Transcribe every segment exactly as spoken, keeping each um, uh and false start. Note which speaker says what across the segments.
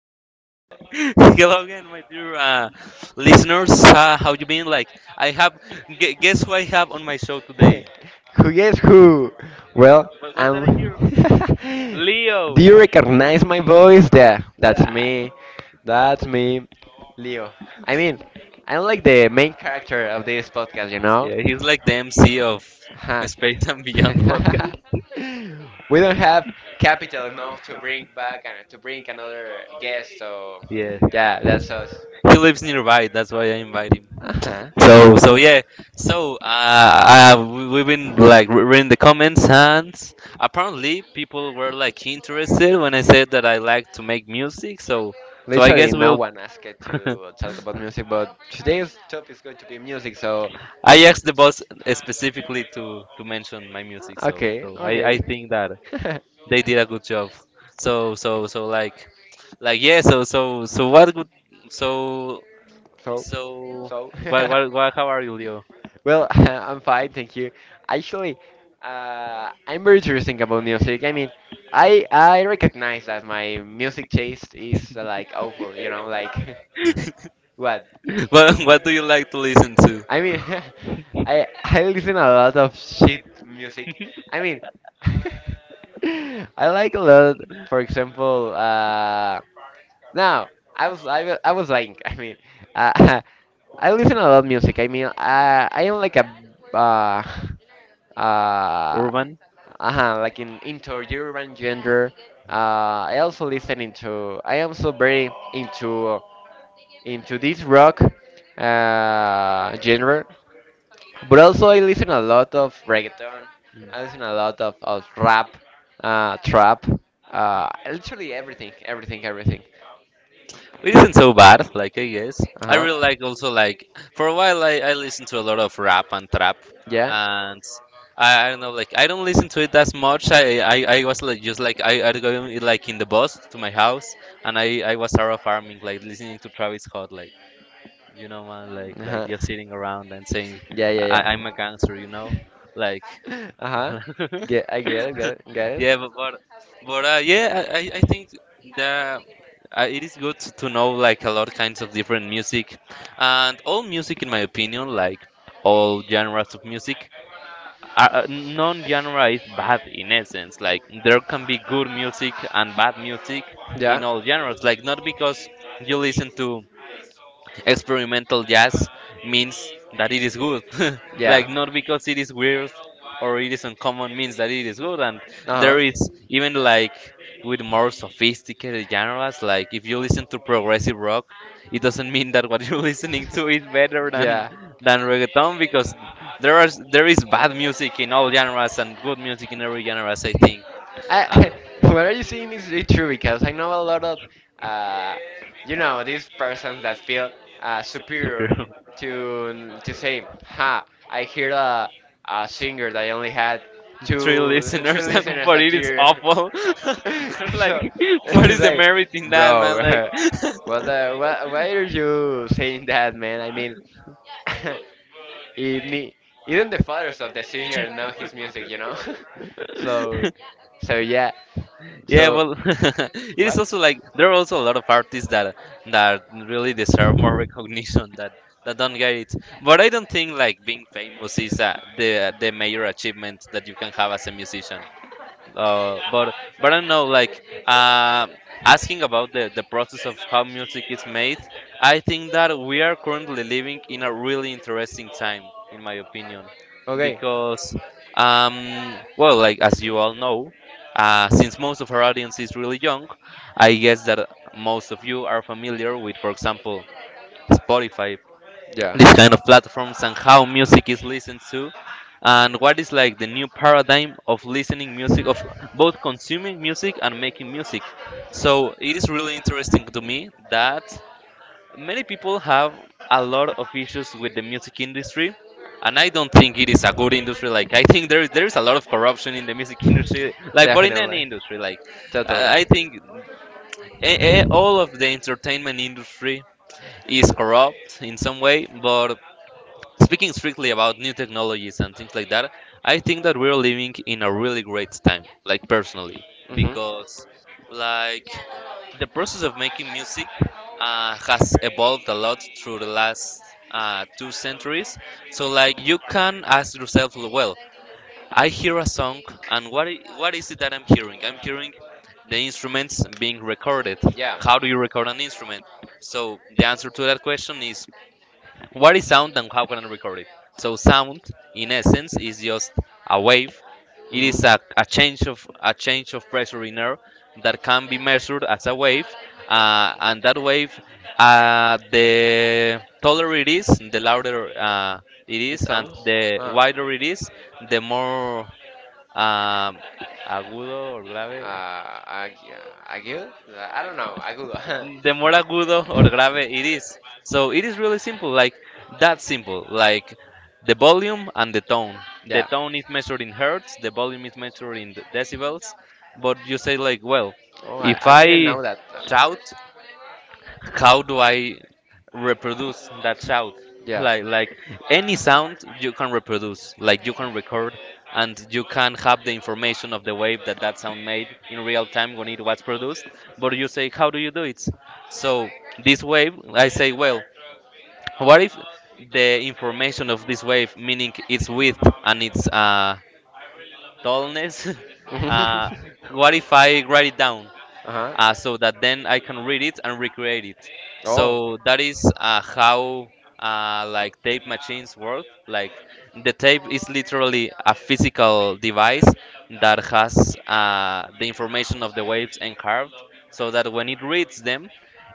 Speaker 1: Hello again, my dear uh, listeners. Uh, how you been? Like, I have. Gu- guess who I have on my show today?
Speaker 2: Eep. who guess who? Well,
Speaker 1: What, what's that I
Speaker 2: I'm.
Speaker 1: hear?
Speaker 2: Do
Speaker 1: Leo.
Speaker 2: you recognize my voice? There, that's me. That's me, Leo. I mean, I'm like the main character of this podcast, you know?
Speaker 1: Yeah, he's like the M C of
Speaker 2: Huh.
Speaker 1: Space and Beyond
Speaker 2: we
Speaker 1: podcast.
Speaker 2: don't have capital enough to bring back and to bring another guest, so
Speaker 1: Yeah,
Speaker 2: yeah, that's us.
Speaker 1: he lives nearby. That's why I invite him.
Speaker 2: Uh huh.
Speaker 1: So so yeah. So uh, uh we, we've been like re- reading the comments, and apparently people were like interested when I said that I like to make music. So so I
Speaker 2: Literally,
Speaker 1: guess
Speaker 2: no
Speaker 1: we'll.
Speaker 2: one asked to talk about music, but today's topic is going to be music, so
Speaker 1: I asked the boss specifically to to mention my music.
Speaker 2: uh,
Speaker 1: So
Speaker 2: okay,
Speaker 1: so I I
Speaker 2: okay.
Speaker 1: think that they did a good job. So so so like like yeah. So so so what good. So
Speaker 2: so,
Speaker 1: so
Speaker 2: so.
Speaker 1: what what what? How are you, Leo?
Speaker 2: well, I'm fine, thank you. Actually, uh, I'm very interesting about music. I mean, I I recognize that my music taste is uh, like awful, you know, like what?
Speaker 1: what what do you like to listen to?
Speaker 2: I mean, I I listen a lot of shit music. I mean, I like a lot. For example, uh, now I was I, wa- I was lying. I mean, uh, I listen a lot of music. I mean, uh, I am like a uh uh
Speaker 1: Urban.
Speaker 2: uh like in into urban gender. Uh, I also listen into. I am so very into into this rock uh, genre. But also, I listen a lot of reggaeton. I listen a lot of, of rap, uh, trap, uh, literally everything, everything, everything.
Speaker 1: It isn't so bad, like I guess.
Speaker 2: Uh
Speaker 1: I
Speaker 2: huh.
Speaker 1: really like also like for a while I, I listened to a lot of rap and trap
Speaker 2: Yeah.
Speaker 1: and I, I don't know like I don't listen to it as much. I I, I was like just like I I going like in the bus to my house and I I was around farming like listening to Travis Scott like you know man like like
Speaker 2: Uh-huh.
Speaker 1: just sitting around and saying
Speaker 2: Yeah, yeah,
Speaker 1: I,
Speaker 2: yeah.
Speaker 1: I'm a gangster you know like.
Speaker 2: Uh-huh. Get, I get it, get it, get it.
Speaker 1: yeah, but but, but uh, yeah, I, I I think that uh, it is good to know like a lot of kinds of different music, and all music, in my opinion, like all genres of music, uh, uh, non-genre is bad in essence. Like there can be good music and bad music in
Speaker 2: Yeah.
Speaker 1: all genres. Like not because you listen to experimental jazz means that it is good. Like
Speaker 2: Yeah.
Speaker 1: not because it is weird or it is uncommon means that it is good. And
Speaker 2: Uh
Speaker 1: there
Speaker 2: huh.
Speaker 1: is even like with more sophisticated genres, like if you listen to progressive rock, it doesn't mean that what you're listening to is better than
Speaker 2: yeah.
Speaker 1: than reggaeton because there are there is bad music in all genres and good music in every genres. I think. Uh,
Speaker 2: I, what are you saying is really true because I know a lot of, uh, you know, these persons that feel uh, superior
Speaker 1: Superior.
Speaker 2: to to say, ha, I hear a, a singer that only had
Speaker 1: Three
Speaker 2: two three
Speaker 1: listeners, and
Speaker 2: listeners
Speaker 1: but
Speaker 2: that
Speaker 1: it is
Speaker 2: year.
Speaker 1: awful.
Speaker 2: so
Speaker 1: Like, what
Speaker 2: it's
Speaker 1: is the
Speaker 2: like,
Speaker 1: merit in that,
Speaker 2: bro,
Speaker 1: man? Like,
Speaker 2: what the, why, why are you saying that, man? I mean, it ne- even the fathers of the singer know his music, you know. so, so yeah.
Speaker 1: yeah,
Speaker 2: So
Speaker 1: well, it is
Speaker 2: what?
Speaker 1: also like there are also a lot of artists that that really deserve more recognition that that don't get it. But I don't think like being famous is uh, the the major achievement that you can have as a musician. uh, but but I don't know like uh, asking about the, the process of how music is made. I think that we are currently living in a really interesting time, in my opinion,
Speaker 2: Okay.
Speaker 1: because um, well, like as you all know, uh, since most of our audience is really young, I guess that most of you are familiar with, for example, Spotify,
Speaker 2: Yeah.
Speaker 1: these kind of platforms and how music is listened to, and what is like the new paradigm of listening music, of both consuming music and making music. So it is really interesting to me that many people have a lot of issues with the music industry, and I don't think it is a good industry. Like I think there is there is a lot of corruption in the music industry, like but in any
Speaker 2: Definitely.
Speaker 1: industry. Like
Speaker 2: Totally.
Speaker 1: i I think eh, eh, all of the entertainment industry is corrupt in some way. But speaking strictly about new technologies and things like that, I think that we're living in a really great time, like, personally,
Speaker 2: Mhm.
Speaker 1: because like the process of making music uh, has evolved a lot through the last uh, two centuries. So like you can ask yourself, well, I hear a song, and what I- what is it that I'm hearing? I'm hearing the instruments being recorded.
Speaker 2: Yeah.
Speaker 1: How do you record an instrument? So the answer to that question is, what is sound and how can I record it? So sound, in essence, is just a wave. It
Speaker 2: Mhm.
Speaker 1: is a, a change of a change of pressure in air that can be measured as a wave, uh, and that wave, uh, the taller it is, the louder uh, it
Speaker 2: It
Speaker 1: is, and
Speaker 2: sounds.
Speaker 1: the
Speaker 2: Ah.
Speaker 1: wider it is, the more um, agudo or grave.
Speaker 2: Uh, I, uh, I good? I don't know. I good.
Speaker 1: The more agudo or grave it is. So it is really simple, like that simple, like the volume and the tone. The
Speaker 2: yeah.
Speaker 1: tone is measured in hertz, the volume is measured in decibels. But you say like, well,
Speaker 2: Oh, I,
Speaker 1: if
Speaker 2: I didn't
Speaker 1: I
Speaker 2: know that.
Speaker 1: shout, how do I reproduce that sound?
Speaker 2: Yeah.
Speaker 1: Like like any sound you can reproduce, like you can record, and you can have the information of the wave that that sound made in real time when it was produced. But you say, how do you do it? So this wave, I say, well, what if the information of this wave, meaning its width and its uh, tallness, uh,
Speaker 2: uh-huh.
Speaker 1: what if I write it down? Uh, so that then I can read it and recreate it.
Speaker 2: Oh.
Speaker 1: So that is uh, how uh, like tape machines work. Like the tape is literally a physical device that has uh, the information of the waves encarved, so that when it reads them,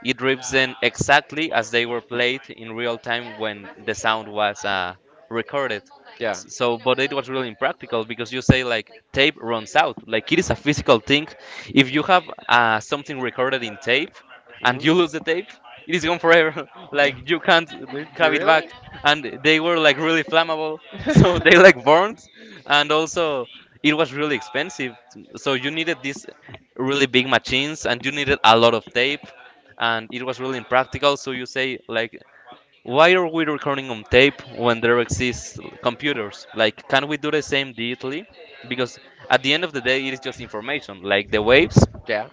Speaker 1: it reads them exactly as they were played in real time when the sound was uh, recorded.
Speaker 2: Yeah.
Speaker 1: S- So, but it was really impractical because you say like tape runs out, like it is a physical thing. If you have uh, something recorded in tape and you lose the tape, it is gone forever. Like you can't
Speaker 2: Do do you
Speaker 1: have it back.
Speaker 2: really?
Speaker 1: And they were like really flammable, so they like burned, and also it was really expensive. So you needed these really big machines, and you needed a lot of tape, and it was really impractical. So you say like, why are we recording on tape when there exists computers? Like, can we do the same digitally? Because at the end of the day, it is just information, like the waves
Speaker 2: Yeah. Um,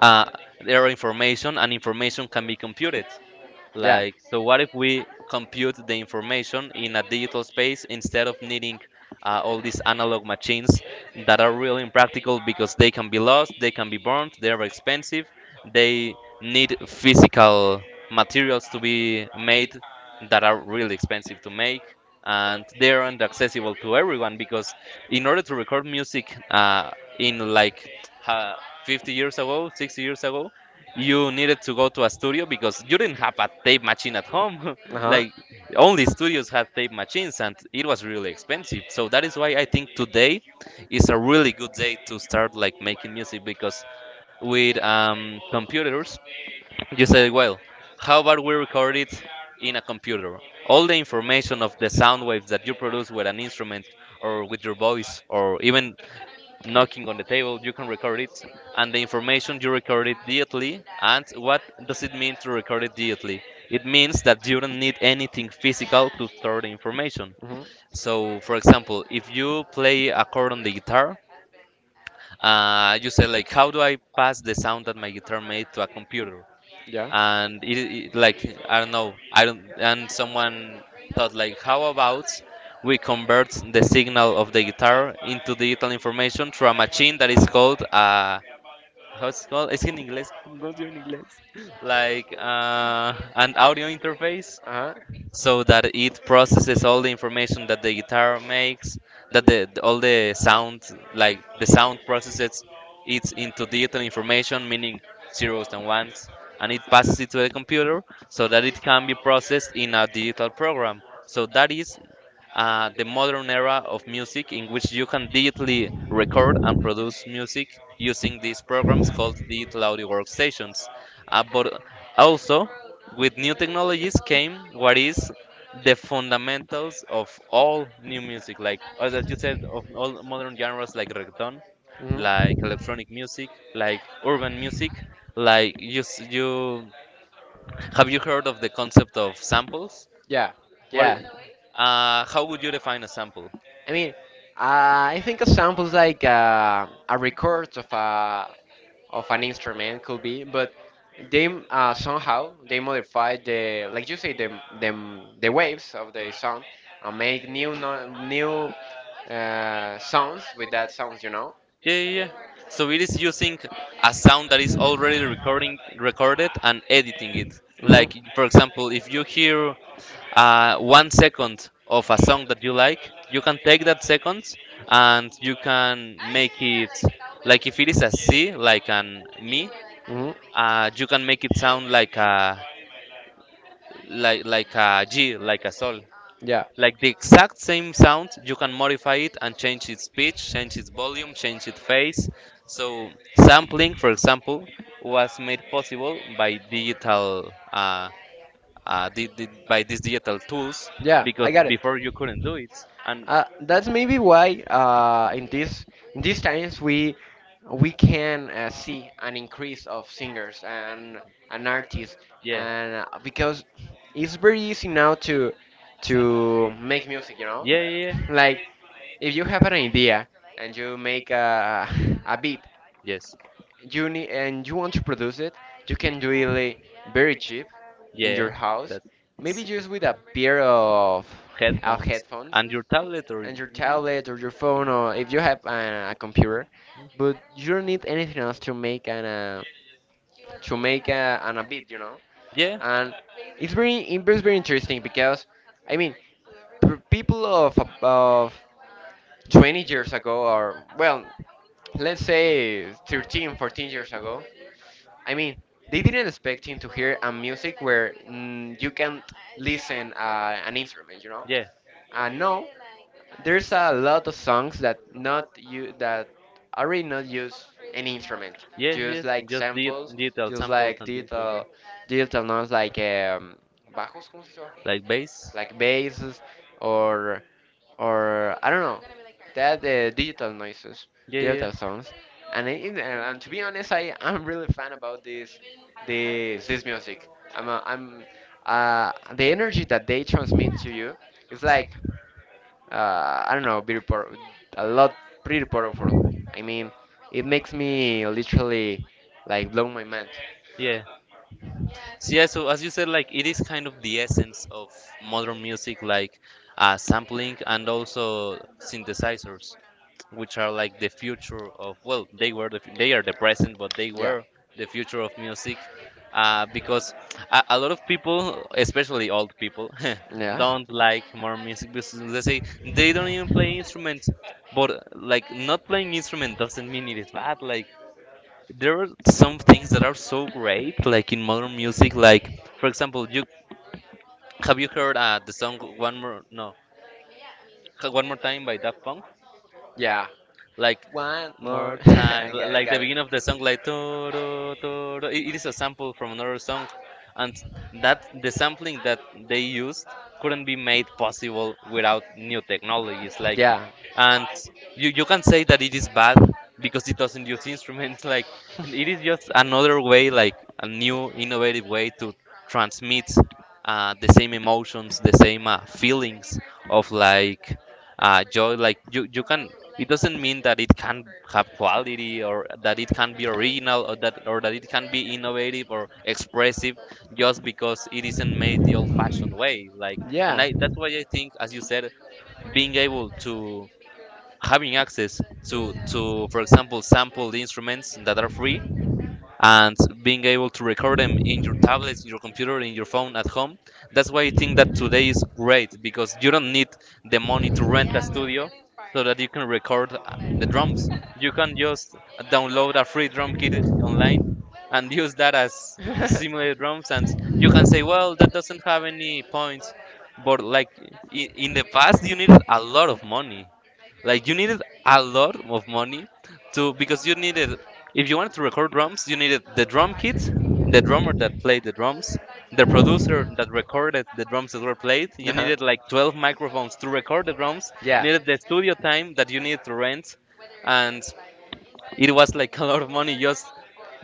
Speaker 1: uh, their information, and information can be computed. Like, so what if we compute the information in a digital space instead of needing uh, all these analog
Speaker 2: uh
Speaker 1: machines that are really impractical because they can be lost, they can be burned, they are expensive, they need physical materials to be made that are really expensive to make, and they aren't accessible to everyone because in order to record music uh, in like uh, fifty years ago, sixty years ago, you needed to go to a studio because you didn't have a tape machine at home.
Speaker 2: huh.
Speaker 1: Like only studios had tape machines and it was really expensive. So that is why I think today is a really good day to start like making music, because with um, computers you say, well, how about we record it in a computer? All the information of the sound waves that you produce with an instrument or with your voice or even knocking on the table, you can record it, and the information you record it digitally. And what does it mean to record it digitally? It means that you don't need anything physical to store the information.
Speaker 2: Hmm.
Speaker 1: So, for example, if you play a chord on the guitar, uh, you say like, "How do I pass the sound that my guitar made to a computer?"
Speaker 2: Yeah.
Speaker 1: And it, it like I don't know I don't and someone thought like, how about we convert the signal of the guitar into digital information through a machine that is called uh how's it called it's in english I'm going to in english like uh an audio interface,
Speaker 2: Uh huh.
Speaker 1: so that it processes all the information that the guitar makes, that the the- all the sound, like the sound processes it into digital information, meaning zeros and ones, and it passes it to the computer so that it can be processed in a digital program. So that is uh, the modern era of music, in which you can digitally record and produce music using these programs called digital audio workstations. Uh, but also, with new technologies came what is the fundamentals of all new music, like as you said, of all modern genres, like reggaeton, like
Speaker 2: Hmm.
Speaker 1: electronic music, like urban music. Like you, s- you, have you heard of the concept of samples?
Speaker 2: Yeah.
Speaker 1: What, i-
Speaker 2: Yeah.
Speaker 1: uh, how would you define a sample?
Speaker 2: I mean, uh, I think a examples like uh, a record of a of an instrument could be, but they uh, somehow they modify the like you say the the, the waves of the sound and make new no, new uh, sounds with that sounds, you know.
Speaker 1: Yeah, yeah, yeah. So it is using a sound that is already recording, recorded, and editing it.
Speaker 2: Hmm.
Speaker 1: Like for example, if you hear uh, one second of a song that you like, you can take that second and you can make it, like if it is a C, like an mi,
Speaker 2: Hmm.
Speaker 1: uh, you can make it sound like a like like a G, like a sol.
Speaker 2: Yeah,
Speaker 1: Like the exact same sound, you can modify it and change its pitch, change its volume, change its phase. So sampling, for example, was made possible by digital uh, uh, di di by these digital tools
Speaker 2: yeah,
Speaker 1: because
Speaker 2: I got it.
Speaker 1: before you couldn't do it. And
Speaker 2: Uh, that's maybe why uh, in this in these times we we can uh, see an increase of singers and and artists,
Speaker 1: yeah,
Speaker 2: and uh, because it's very easy now to to make music, you know.
Speaker 1: yeah, yeah, yeah.
Speaker 2: Like if you have an idea and you make a a beat
Speaker 1: Yes,
Speaker 2: you need and you want to produce it, you can do it like, very cheap in your
Speaker 1: yeah.
Speaker 2: house.
Speaker 1: That
Speaker 2: Maybe just with a pair of, of
Speaker 1: Headphones
Speaker 2: headphones
Speaker 1: and your tablet, or
Speaker 2: and your
Speaker 1: mhm.
Speaker 2: tablet or your phone, or if you have a, a computer. But you don't need anything else to make an uh, to make a, an a beat, you know.
Speaker 1: Yeah,
Speaker 2: And it's very it was very interesting because I mean p- people of of twenty years ago or well let's say thirteen fourteen years ago I mean, they didn't expect him to hear a music where mm, you can listen uh, an instrument, you know.
Speaker 1: yeah,
Speaker 2: Uh, no, there's a lot of songs that not you that already not use any instrument,
Speaker 1: yes,
Speaker 2: just
Speaker 1: yes.
Speaker 2: like
Speaker 1: Just di
Speaker 2: samples,
Speaker 1: digital
Speaker 2: just
Speaker 1: samples
Speaker 2: like
Speaker 1: and things like
Speaker 2: digital
Speaker 1: that,
Speaker 2: digital notes like um, bajos, ¿cómo se dice bajos?
Speaker 1: like bass.
Speaker 2: Like basses or or I don't know that uh, digital noises,
Speaker 1: Yeah, yeah,
Speaker 2: digital songs. And, I, and and to be honest, I I'm really fan about this this this music. I'm a, I'm uh, the energy that they transmit to you is like uh, I don't know, beautiful, a lot pretty powerful. I mean, it makes me literally like blow my mind.
Speaker 1: yeah. So yeah, so as you said, like it is kind of the essence of modern music, like uh, sampling and also synthesizers, which are like the future of, well, they were the, fu- they are the present, but they
Speaker 2: Yeah,
Speaker 1: were the future of music, uh, because a, a lot of people, especially old people,
Speaker 2: yeah,
Speaker 1: don't like modern music because they say they don't even play instruments. But like not playing instrument doesn't mean it is bad. Like there are some things that are so great, like in modern music. Like for example, you have you heard uh, the song "One More"? No, "One More Time" by Daft Punk.
Speaker 2: yeah.
Speaker 1: Like
Speaker 2: One more.
Speaker 1: more time,
Speaker 2: I
Speaker 1: li-
Speaker 2: got I
Speaker 1: like the
Speaker 2: got it.
Speaker 1: beginning of the song, like toro toro. It it is a sample from another song, and that the sampling that they used couldn't be made possible without new technologies. Like,
Speaker 2: Yeah.
Speaker 1: and you you can say that it is bad because it doesn't use instruments. Like, and it is just another way, like a new innovative way to transmit uh, the same emotions, the same uh, feelings of, like, uh, joy. Like you you can it doesn't mean that it can have quality, or that it can be original, or that, or that it can be innovative or expressive, just because it isn't made the old fashioned way, like, and
Speaker 2: Yeah.
Speaker 1: I, that's why I think, as you said, being able to having access to to, for example, sampled instruments that are free, and being able to record them in your tablets, in your computer, in your phone at home. That's why I think that today is great, because you don't need the money to rent a studio so that you can record uh, the drums. You can just download a free drum kit online and use that as simulated drums, and you can say, well, that doesn't have any points, but like i- in the past you needed a lot of money, like you needed a lot of money to because you needed if you wanted to record drums, you needed the drum kit, the drummer that played the drums, the producer that recorded the drums that were played. You
Speaker 2: Uh-huh.
Speaker 1: needed like twelve microphones to record the drums. You
Speaker 2: Yeah.
Speaker 1: needed the studio time that you needed to rent, and it was like a lot of money, just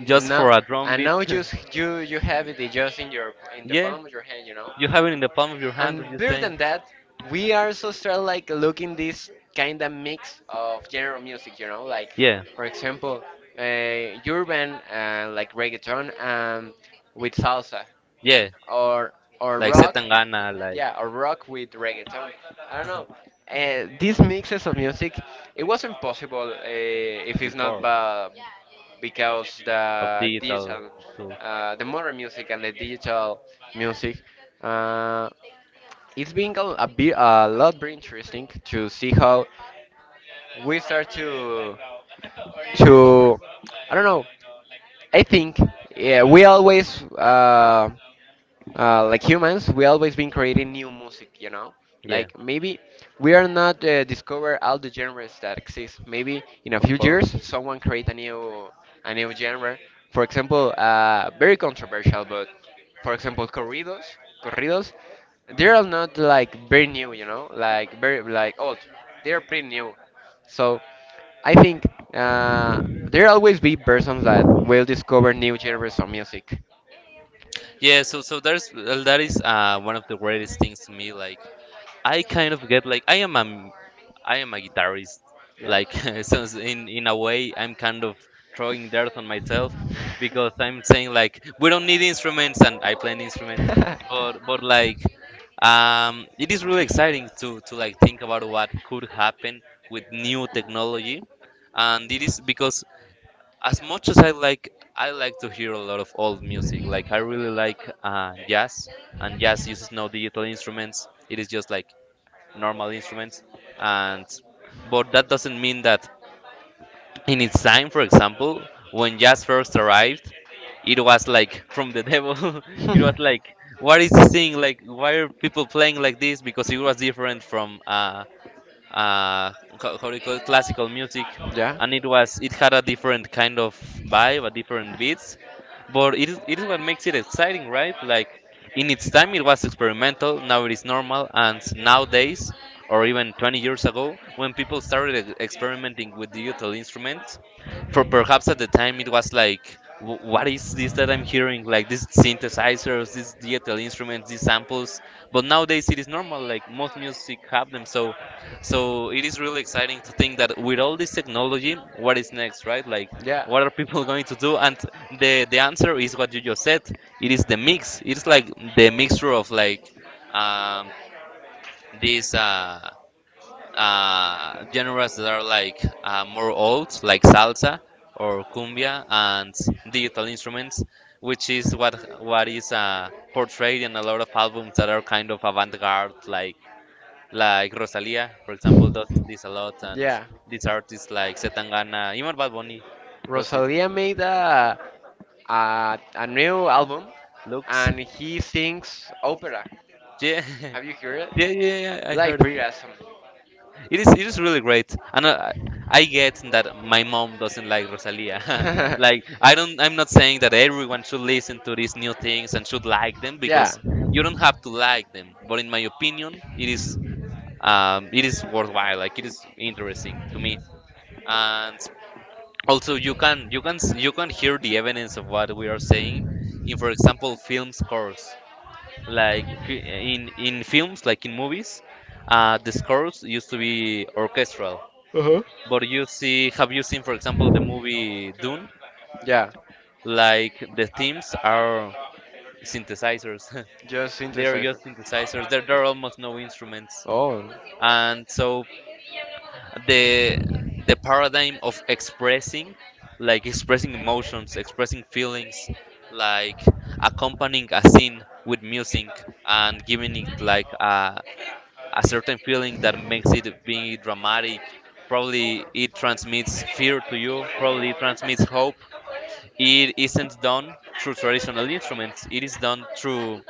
Speaker 1: just
Speaker 2: No,
Speaker 1: for a drum
Speaker 2: I
Speaker 1: beat.
Speaker 2: know just you you have it just in your in the
Speaker 1: Yeah,
Speaker 2: palm of your hand, you know.
Speaker 1: you have it in the palm of your hand,
Speaker 2: And
Speaker 1: as you
Speaker 2: better
Speaker 1: saying.
Speaker 2: than that, we also start like looking this kind of mix of general music, you know, like
Speaker 1: Yeah.
Speaker 2: for example, uh, urban uh, like reggaeton um, with salsa,
Speaker 1: Yeah,
Speaker 2: or or
Speaker 1: like
Speaker 2: rock,
Speaker 1: Setangana, like
Speaker 2: yeah, or rock with reggaeton. I don't know. Uh, these mixes of music, it wasn't possible uh, if it's not
Speaker 1: before
Speaker 2: ba- because
Speaker 1: of
Speaker 2: the digital,
Speaker 1: tools.
Speaker 2: uh, the modern music and the digital music. Uh, it's been a, a bit a lot very interesting to see how we start to to I don't know. I think yeah, we always uh, uh, like humans, we always been creating new music, you know?
Speaker 1: Yeah,
Speaker 2: Like maybe we are not uh, discover all the genres that exist. Maybe in a
Speaker 1: of
Speaker 2: few
Speaker 1: course.
Speaker 2: years, someone create a new a new genre. For example, uh, very controversial, but for example, corridos, corridos, they are not like very new, you know, like very like old. They are pretty new. So I think uh, there always be persons that will discover new genres of music.
Speaker 1: Yeah, so so there's well, that is uh one of the greatest things to me. Like, I kind of get, like, I am a I am a guitarist.
Speaker 2: Yeah.
Speaker 1: Like, so in in a way, I'm kind of throwing dirt on myself because I'm saying, like, we don't need instruments, and I play an instrument. But but like, um, it is really exciting to to like think about what could happen with new technology, and it is because, as much as I like, I like to hear a lot of old music. Like I really like uh, jazz, and jazz uses no digital instruments. It is just like normal instruments, and but that doesn't mean that in its time, for example, when jazz first arrived, it was like from the devil. It was like, what is this thing? Like, why are people playing like this? Because it was different from uh uh how, how do you call it? Classical music. And it was, it had a different kind of vibe, a different beats, but it is, it is what makes it exciting, right? Like, in its time, it was experimental, now it is normal, and nowadays, or even twenty years ago, when people started e- experimenting with digital instruments, for perhaps at the time it was like, "Wh- what is this that I'm hearing? Like, these synthesizers, these digital instruments, these samples." But nowadays, it is normal, like, most music have them. So, so it is really exciting to think that with all this technology, what is next, right? Like,
Speaker 2: Yeah,
Speaker 1: what are people going to do? And the the answer is what you just said. It is the mix. It's like the mixture of, like, um, these uh, uh, genres that are like, uh, more old, like salsa or cumbia, and digital instruments, which is what what is uh, portrayed in a lot of albums that are kind of avant-garde, like like Rosalia, for example, does this a lot, and
Speaker 2: yeah.
Speaker 1: these artists like Setangana, even Bad Bunny, does it
Speaker 2: Rosalia made a, a, a new album
Speaker 1: looks.
Speaker 2: and he sings opera.
Speaker 1: Yeah,
Speaker 2: Have you heard it?
Speaker 1: yeah, yeah, yeah. I
Speaker 2: Like
Speaker 1: heard it.
Speaker 2: pretty awesome.
Speaker 1: It is, it is really great, and uh, I, I get that my mom doesn't like Rosalia. Like I don't, I'm not saying that everyone should listen to these new things and should like them,
Speaker 2: yeah,
Speaker 1: because you don't have to like them. But in my opinion, it is, um, it is worthwhile. Like it is interesting to me, and also you can, you can, s- you can hear the evidence of what we are saying in, for example, film scores, like fi- in in films, like in movies. Uh, the scores used to be orchestral, but you see have you seen, for example, the movie Dune?
Speaker 2: yeah.
Speaker 1: Like, the themes are synthesizers.
Speaker 2: Just
Speaker 1: They are
Speaker 2: synthesizer.
Speaker 1: just synthesizers. There, there are almost no instruments.
Speaker 2: Oh,
Speaker 1: And so the the paradigm of expressing, like, expressing emotions, expressing feelings, like accompanying a scene with music and giving it, like, a a certain feeling that makes it being dramatic. Probably it transmits fear to you. Probably it transmits hope. It isn't done through traditional instruments. It is done through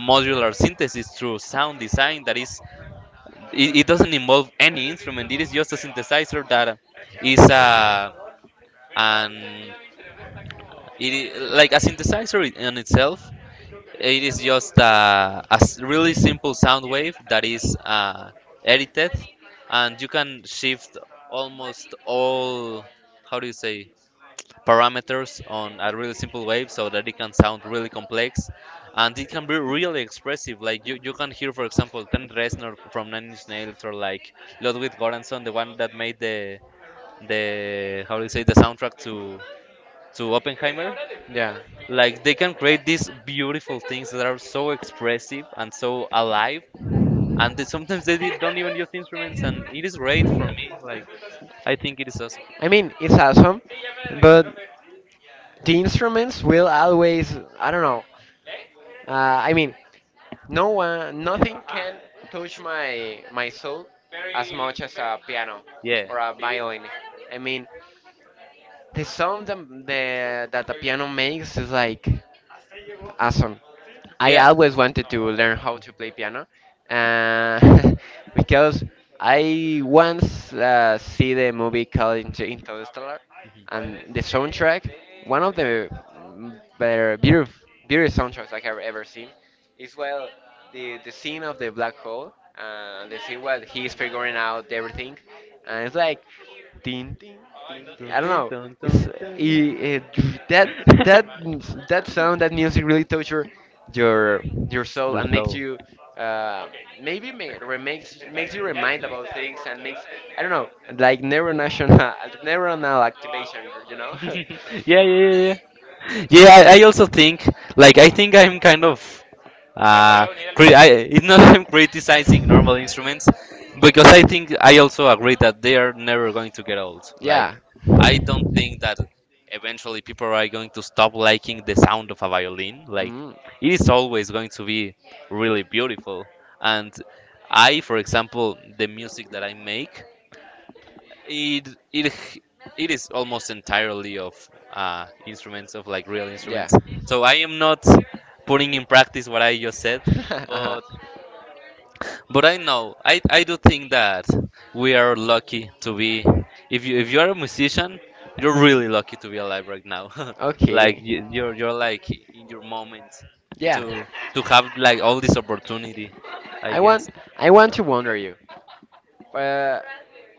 Speaker 1: modular synthesis, through sound design. That is, it, it doesn't involve any instrument. It is just a synthesizer that is a an it, I- like a synthesizer in itself. It is just a, a s- really simple sound wave that is uh, edited, and you can shift almost all, how do you say, parameters on a really simple wave so that it can sound really complex. And it can be really expressive. Like, you, you can hear, for example, Trent Reznor from Nine Inch Nails, or like Ludwig Göransson, the one that made the the how do you say, the soundtrack to to Oppenheimer.
Speaker 2: yeah.
Speaker 1: Like, they can create these beautiful things that are so expressive and so alive, and they, sometimes they did- don't even use instruments, and it is great for me. Like, I think it is awesome.
Speaker 2: I mean, it's awesome, but the instruments will always, I don't know. Uh, I mean, no one, nothing can touch my my soul as much as a piano
Speaker 1: Yeah,
Speaker 2: or a violin. I mean, the sound that the, that the piano makes is like awesome. I
Speaker 1: yeah.
Speaker 2: always wanted to learn how to play piano, uh, because I once uh, see the movie called Inter- Interstellar, and the soundtrack, one of the mm, better, beautiful, beautiful soundtracks I have ever seen. It's well the the scene of the black hole. Uh, the scene where he's figuring out everything, and it's like, ding, ding, ding. I
Speaker 1: Mhm.
Speaker 2: don't
Speaker 1: Dun,
Speaker 2: know.
Speaker 1: dun,
Speaker 2: It's
Speaker 1: dun, dun, dun.
Speaker 2: it, it, that that that sound, that music really touches your your your soul
Speaker 1: Your
Speaker 2: and makes
Speaker 1: soul.
Speaker 2: you. Uh, maybe ma- remakes makes you remind about things and makes I don't know like neuronal neuronal activation you know
Speaker 1: Yeah, yeah, yeah, yeah. Yeah, I, I also think, like, I think I'm kind of uh cri- I, it's not, I'm criticizing normal instruments, because I think I also agree that they are never going to get old. Like
Speaker 2: Yeah.
Speaker 1: I don't think that eventually people are going to stop liking the sound of a violin. Like,
Speaker 2: Mm.
Speaker 1: it is always going to be really beautiful. And I, for example, the music that I make, it it it is almost entirely of uh, instruments, of like real
Speaker 2: Yeah.
Speaker 1: instruments. So I am not putting in practice what I just said,
Speaker 2: uh-huh.
Speaker 1: but but I know, I I do think that we are lucky to be, if you if you are a musician, you're really lucky to be alive right now. Like
Speaker 2: Okay.
Speaker 1: you, you're you're like in your moment
Speaker 2: Yeah.
Speaker 1: to to have like all this opportunity, I
Speaker 2: I
Speaker 1: guess.
Speaker 2: want I want to wonder you. Uh,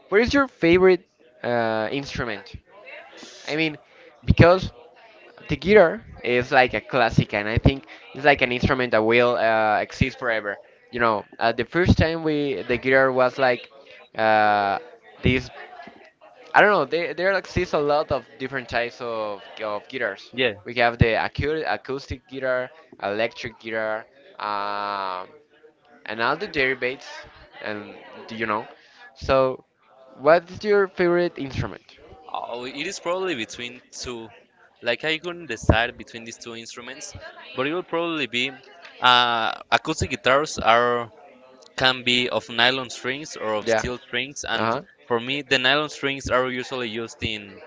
Speaker 2: what is your favorite uh, instrument? I mean, because the guitar is like a classic, and I think it's like an instrument that will uh, exist forever. You know, uh, the first time we the guitar was like uh, these. I don't know. There, there exists a lot of different types of, of guitars.
Speaker 1: Yes.
Speaker 2: We have the acu- acoustic guitar, electric guitar, um, and all the derivatives. And do you know? So, what's your favorite instrument?
Speaker 1: Oh, it is probably between two. Like I couldn't decide between these two instruments, but it will probably be uh, acoustic guitars are can be of nylon strings or of
Speaker 2: Yeah.
Speaker 1: steel strings, and
Speaker 2: Uh huh.
Speaker 1: for me the nylon strings are usually used in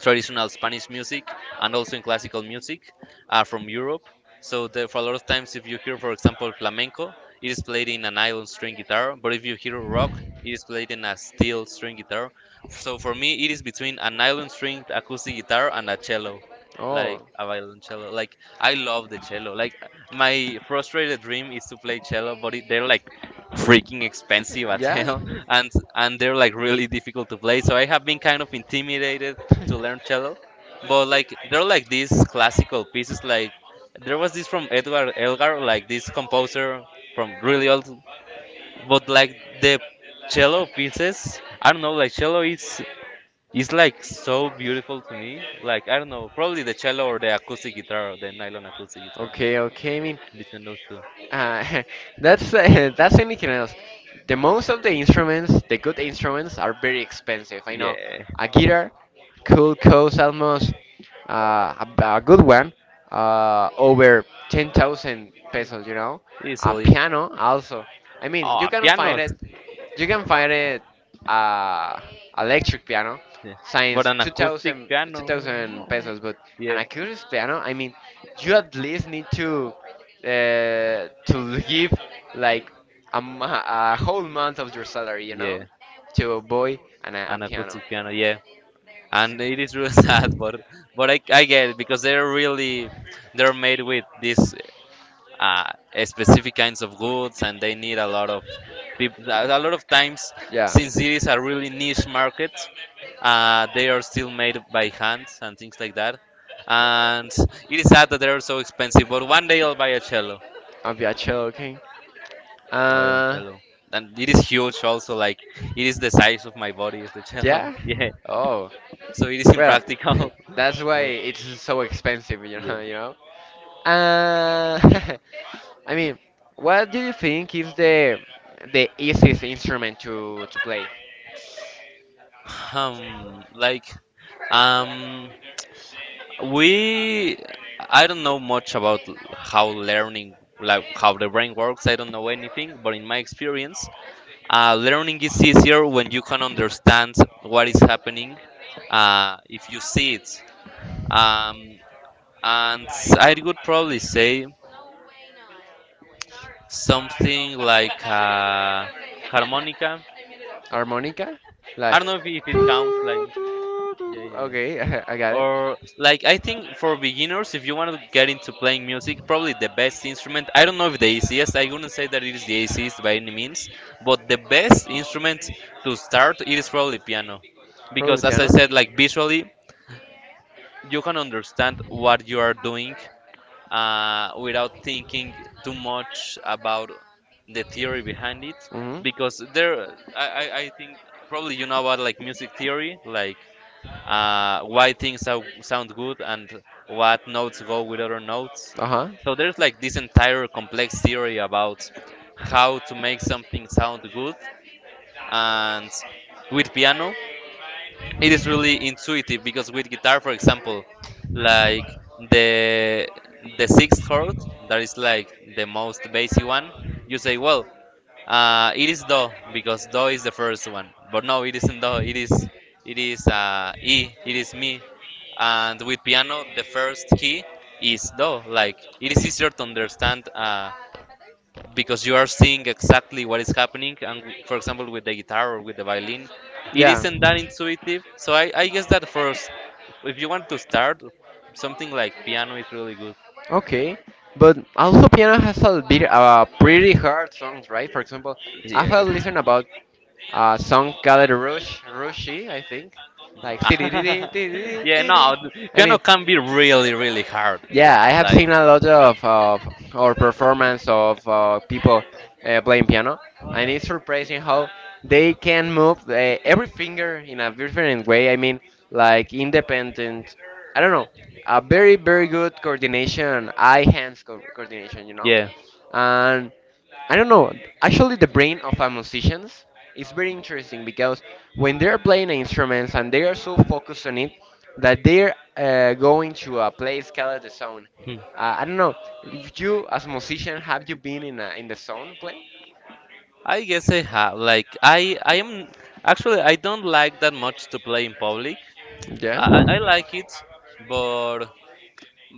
Speaker 1: traditional Spanish music, and also in classical music, are from Europe. So there, for a lot of times, if you hear, for example, flamenco, it is played in an nylon string guitar. But if you hear rock, it is played in a steel string guitar. So for me, it is between a nylon stringed acoustic guitar and a cello,
Speaker 2: Oh,
Speaker 1: like a violoncello. Like I love the cello. Like, my frustrated dream is to play cello, but it, they're like freaking expensive as
Speaker 2: yeah?
Speaker 1: hell and and they're like really difficult to play, so I have been kind of intimidated to learn cello, but like they're like these classical pieces. Like, there was this from Edward Elgar, like this composer from really old, but like the cello pieces, I don't know. Like cello is is like so beautiful to me. Like I don't know, probably the cello or the acoustic guitar, the nylon acoustic guitar,
Speaker 2: Okay, okay. I mean,
Speaker 1: between those two.
Speaker 2: uh, that's uh, that's anything else. The most of the instruments, the good instruments, are very expensive. I know
Speaker 1: Yeah,
Speaker 2: a guitar. Could cost almost uh, a, a good one, uh, over ten thousand pesos, you know. A
Speaker 1: easily.
Speaker 2: piano also. I mean, you
Speaker 1: Oh,
Speaker 2: can find
Speaker 1: pianos.
Speaker 2: it, you can find it, uh, electric piano,
Speaker 1: Yes. But
Speaker 2: since
Speaker 1: an
Speaker 2: two
Speaker 1: acoustic
Speaker 2: thousand, two
Speaker 1: piano, no.
Speaker 2: thousand pesos, but an
Speaker 1: Yes.
Speaker 2: acoustic piano, I mean, you at least need to uh, to give like a, mo- a whole month of your salary, you know,
Speaker 1: Yeah.
Speaker 2: to buy an, a
Speaker 1: An
Speaker 2: piano.
Speaker 1: acoustic piano, yeah. And it is really sad, but but I, I get it because they're really they're made with this uh, specific kinds of goods, and they need a lot of people a lot of times.
Speaker 2: Yeah.
Speaker 1: Since it is a really niche market, uh, they are still made by hand and things like that. And it is sad that they are so expensive, but one day I'll buy a cello,
Speaker 2: I'll be a joking.
Speaker 1: a
Speaker 2: Uh,
Speaker 1: violoncello. And it is huge also, like it is the size of my body is the cello.
Speaker 2: yeah.
Speaker 1: Yeah,
Speaker 2: Oh,
Speaker 1: so it is
Speaker 2: well,
Speaker 1: impractical.
Speaker 2: that's why
Speaker 1: But,
Speaker 2: it's so expensive, you
Speaker 1: yeah.
Speaker 2: know. You know. Uh, I mean, what do you think is the the easiest instrument to to play?
Speaker 1: um like um we i don't know much about l- how learning, like how the brain works, I don't know anything, but in my experience, uh, learning is easier when you can understand what is happening, uh, if you see it. um, and I would probably say something like uh, harmonica.
Speaker 2: Harmonica,
Speaker 1: I
Speaker 2: like.
Speaker 1: don't know if, if it counts, like... Yeah, yeah, yeah.
Speaker 2: Okay, I
Speaker 1: Okay.
Speaker 2: got
Speaker 1: uh
Speaker 2: it.
Speaker 1: Or like, I think for beginners, if you want to get into playing music, probably the best instrument. I don't know if the easiest. I wouldn't say that it is the easiest by any means, but the best instrument to start, it is probably piano,
Speaker 2: Probably
Speaker 1: because
Speaker 2: the
Speaker 1: as I
Speaker 2: piano.
Speaker 1: said, like visually, you can understand what you are doing uh, without thinking too much about the theory behind it.
Speaker 2: Hmm.
Speaker 1: Because there, I, I, I think probably you know about like music theory, like uh, why things sou- sound good and what notes go with other notes.
Speaker 2: Uh-huh.
Speaker 1: So there's like this entire complex theory about how to make something sound good. And with piano, it is really intuitive, because with guitar, for example, like the the sixth chord, that is like the most basic one, you say, well, uh, it is do, because do is the first one, but no, it isn't do. It is it is uh, e. It is me. And with piano the first key is do, like it is easier to understand, uh, because you are seeing exactly what is happening. And for example with the guitar or with the violin, it
Speaker 2: Yeah.
Speaker 1: isn't that intuitive. So i, I guess that first, if you want to start, something like piano is really good.
Speaker 2: Okay. But also piano has a bit uh, pretty hard songs, right? For example, I
Speaker 1: Yes.
Speaker 2: have listened about a song called Rush Rushy, I think. Like "Tee-dee-dee-dee,
Speaker 1: Yeah,
Speaker 2: tee-dee-dee,
Speaker 1: no th-
Speaker 2: I mean
Speaker 1: piano can be really really hard,
Speaker 2: yeah, I have
Speaker 1: like,
Speaker 2: seen a lot of, of or performance of uh, people uh, playing piano, and it's surprising how they can move uh, every finger in a different way. I mean, like independent. I don't know, a very very good coordination, eye hands co- coordination. You know,
Speaker 1: yeah.
Speaker 2: and. I don't know. Actually, the brain of a musicians is very interesting because when they're playing instruments and they are so focused on it that they're uh, going to a place called the zone.
Speaker 1: Hmm.
Speaker 2: Uh, I don't know. If you, as musician, have you been in a, in the zone playing?
Speaker 1: I guess I have. Like I, I am... actually I don't like that much to play in public.
Speaker 2: Yeah.
Speaker 1: I, I I like it, but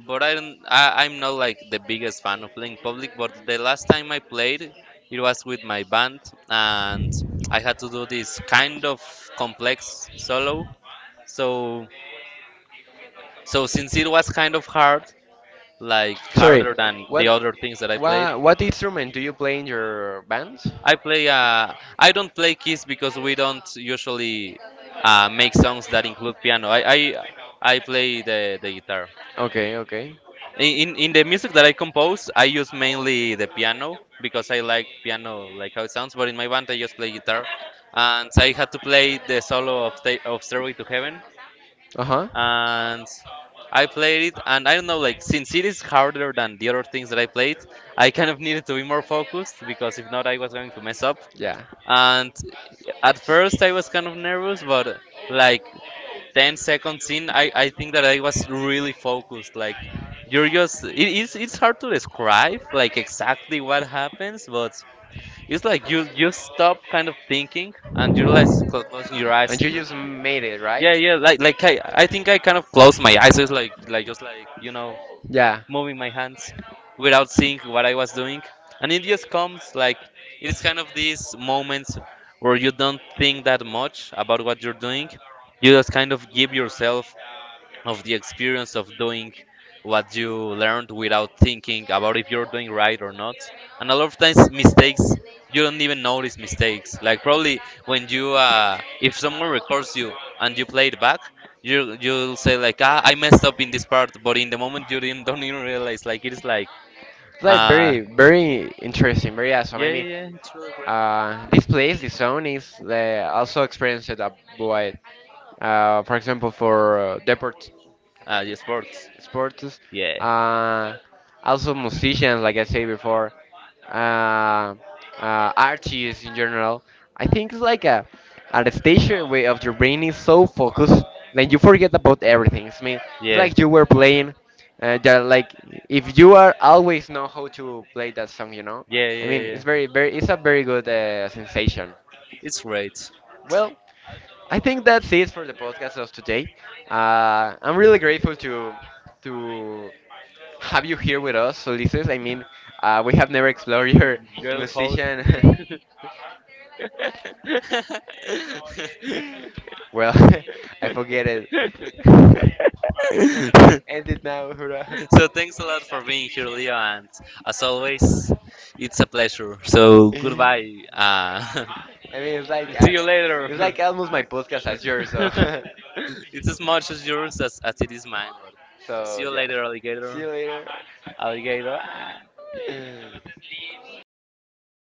Speaker 1: but I don't. I, I'm not like the biggest fan of playing public. But the last time I played, it was with my band, and I had to do this kind of complex solo. So so since it was kind of hard, like
Speaker 2: Sorry.
Speaker 1: harder than the
Speaker 2: What,
Speaker 1: other things that I played.
Speaker 2: what what instrument do you play in your band?
Speaker 1: I play. Uh, I don't play keys because we don't usually uh, make songs that include piano. I I, I play the, the guitar.
Speaker 2: Okay. Okay.
Speaker 1: In, in in the music that I compose, I use mainly the piano because I like piano, like how it sounds. But in my band, I just play guitar, and I had to play the solo of Sta- of Stairway to Heaven,
Speaker 2: Uh huh.
Speaker 1: and I played it. And I don't know, like since it is harder than the other things that I played, I kind of needed to be more focused because if not, I was going to mess up.
Speaker 2: Yeah.
Speaker 1: And at first, I was kind of nervous, but like ten seconds in, I, I think that I was really focused. Like, you're just, it, it's, it's hard to describe, like, exactly what happens, but it's like you, you stop kind of thinking and you realize like cl- closing your eyes
Speaker 2: And
Speaker 1: and
Speaker 2: you
Speaker 1: just,
Speaker 2: just made it, right?
Speaker 1: yeah, yeah, like, like I, I think I kind of closed my eyes. It's like, like, just like, you know,
Speaker 2: Yeah.
Speaker 1: moving my hands without seeing what I was doing. And it just comes like, it's kind of these moments where you don't think that much about what you're doing. You just kind of give yourself of the experience of doing what you learned without thinking about if you're doing right or not. And a lot of times, mistakes, you don't even notice mistakes. Like probably when you uh, if someone records you and you play it back, you you'll say like, ah, I messed up in this part, but in the moment you didn't don't even realize, like it is like...
Speaker 2: It's like
Speaker 1: uh
Speaker 2: very, very interesting, very awesome.
Speaker 1: yeah,
Speaker 2: I
Speaker 1: yeah,
Speaker 2: mean,
Speaker 1: yeah, it's really great.
Speaker 2: uh, this place, this zone is uh, also experienced a void. Uh, for example, for uh, deport,
Speaker 1: Ah, yeah,
Speaker 2: deportes,
Speaker 1: sports.
Speaker 2: sports,
Speaker 1: Yeah,
Speaker 2: uh, also musicians, like I said before, uh, uh, artists in general. I think it's like a at a stage where of your brain is so focused that you forget about everything. I mean, it's
Speaker 1: yeah,
Speaker 2: like you were playing. Uh, that like if you are always know how to play that song, you know.
Speaker 1: yeah,
Speaker 2: I
Speaker 1: yeah,
Speaker 2: mean,
Speaker 1: yeah,
Speaker 2: it's very very it's a very good uh, sensation.
Speaker 1: it's great.
Speaker 2: Well, I think that's it for the podcast of today. Uh, I'm really grateful to to have you here with us, Ulises. I mean, uh, we have never explored your
Speaker 1: Girl host.
Speaker 2: musician.
Speaker 1: So
Speaker 2: well, I forget it. End it now, hurrah.
Speaker 1: thanks a lot for being here, Leo, and as always, it's a pleasure. So goodbye. Uh,
Speaker 2: I mean, it's like
Speaker 1: see
Speaker 2: uh,
Speaker 1: you later.
Speaker 2: it's like almost my podcast as yours, so.
Speaker 1: It's as much as yours as, as it is mine. But see
Speaker 2: so
Speaker 1: you
Speaker 2: yeah,
Speaker 1: later,
Speaker 2: see
Speaker 1: alligator.
Speaker 2: you later.
Speaker 1: Alligator.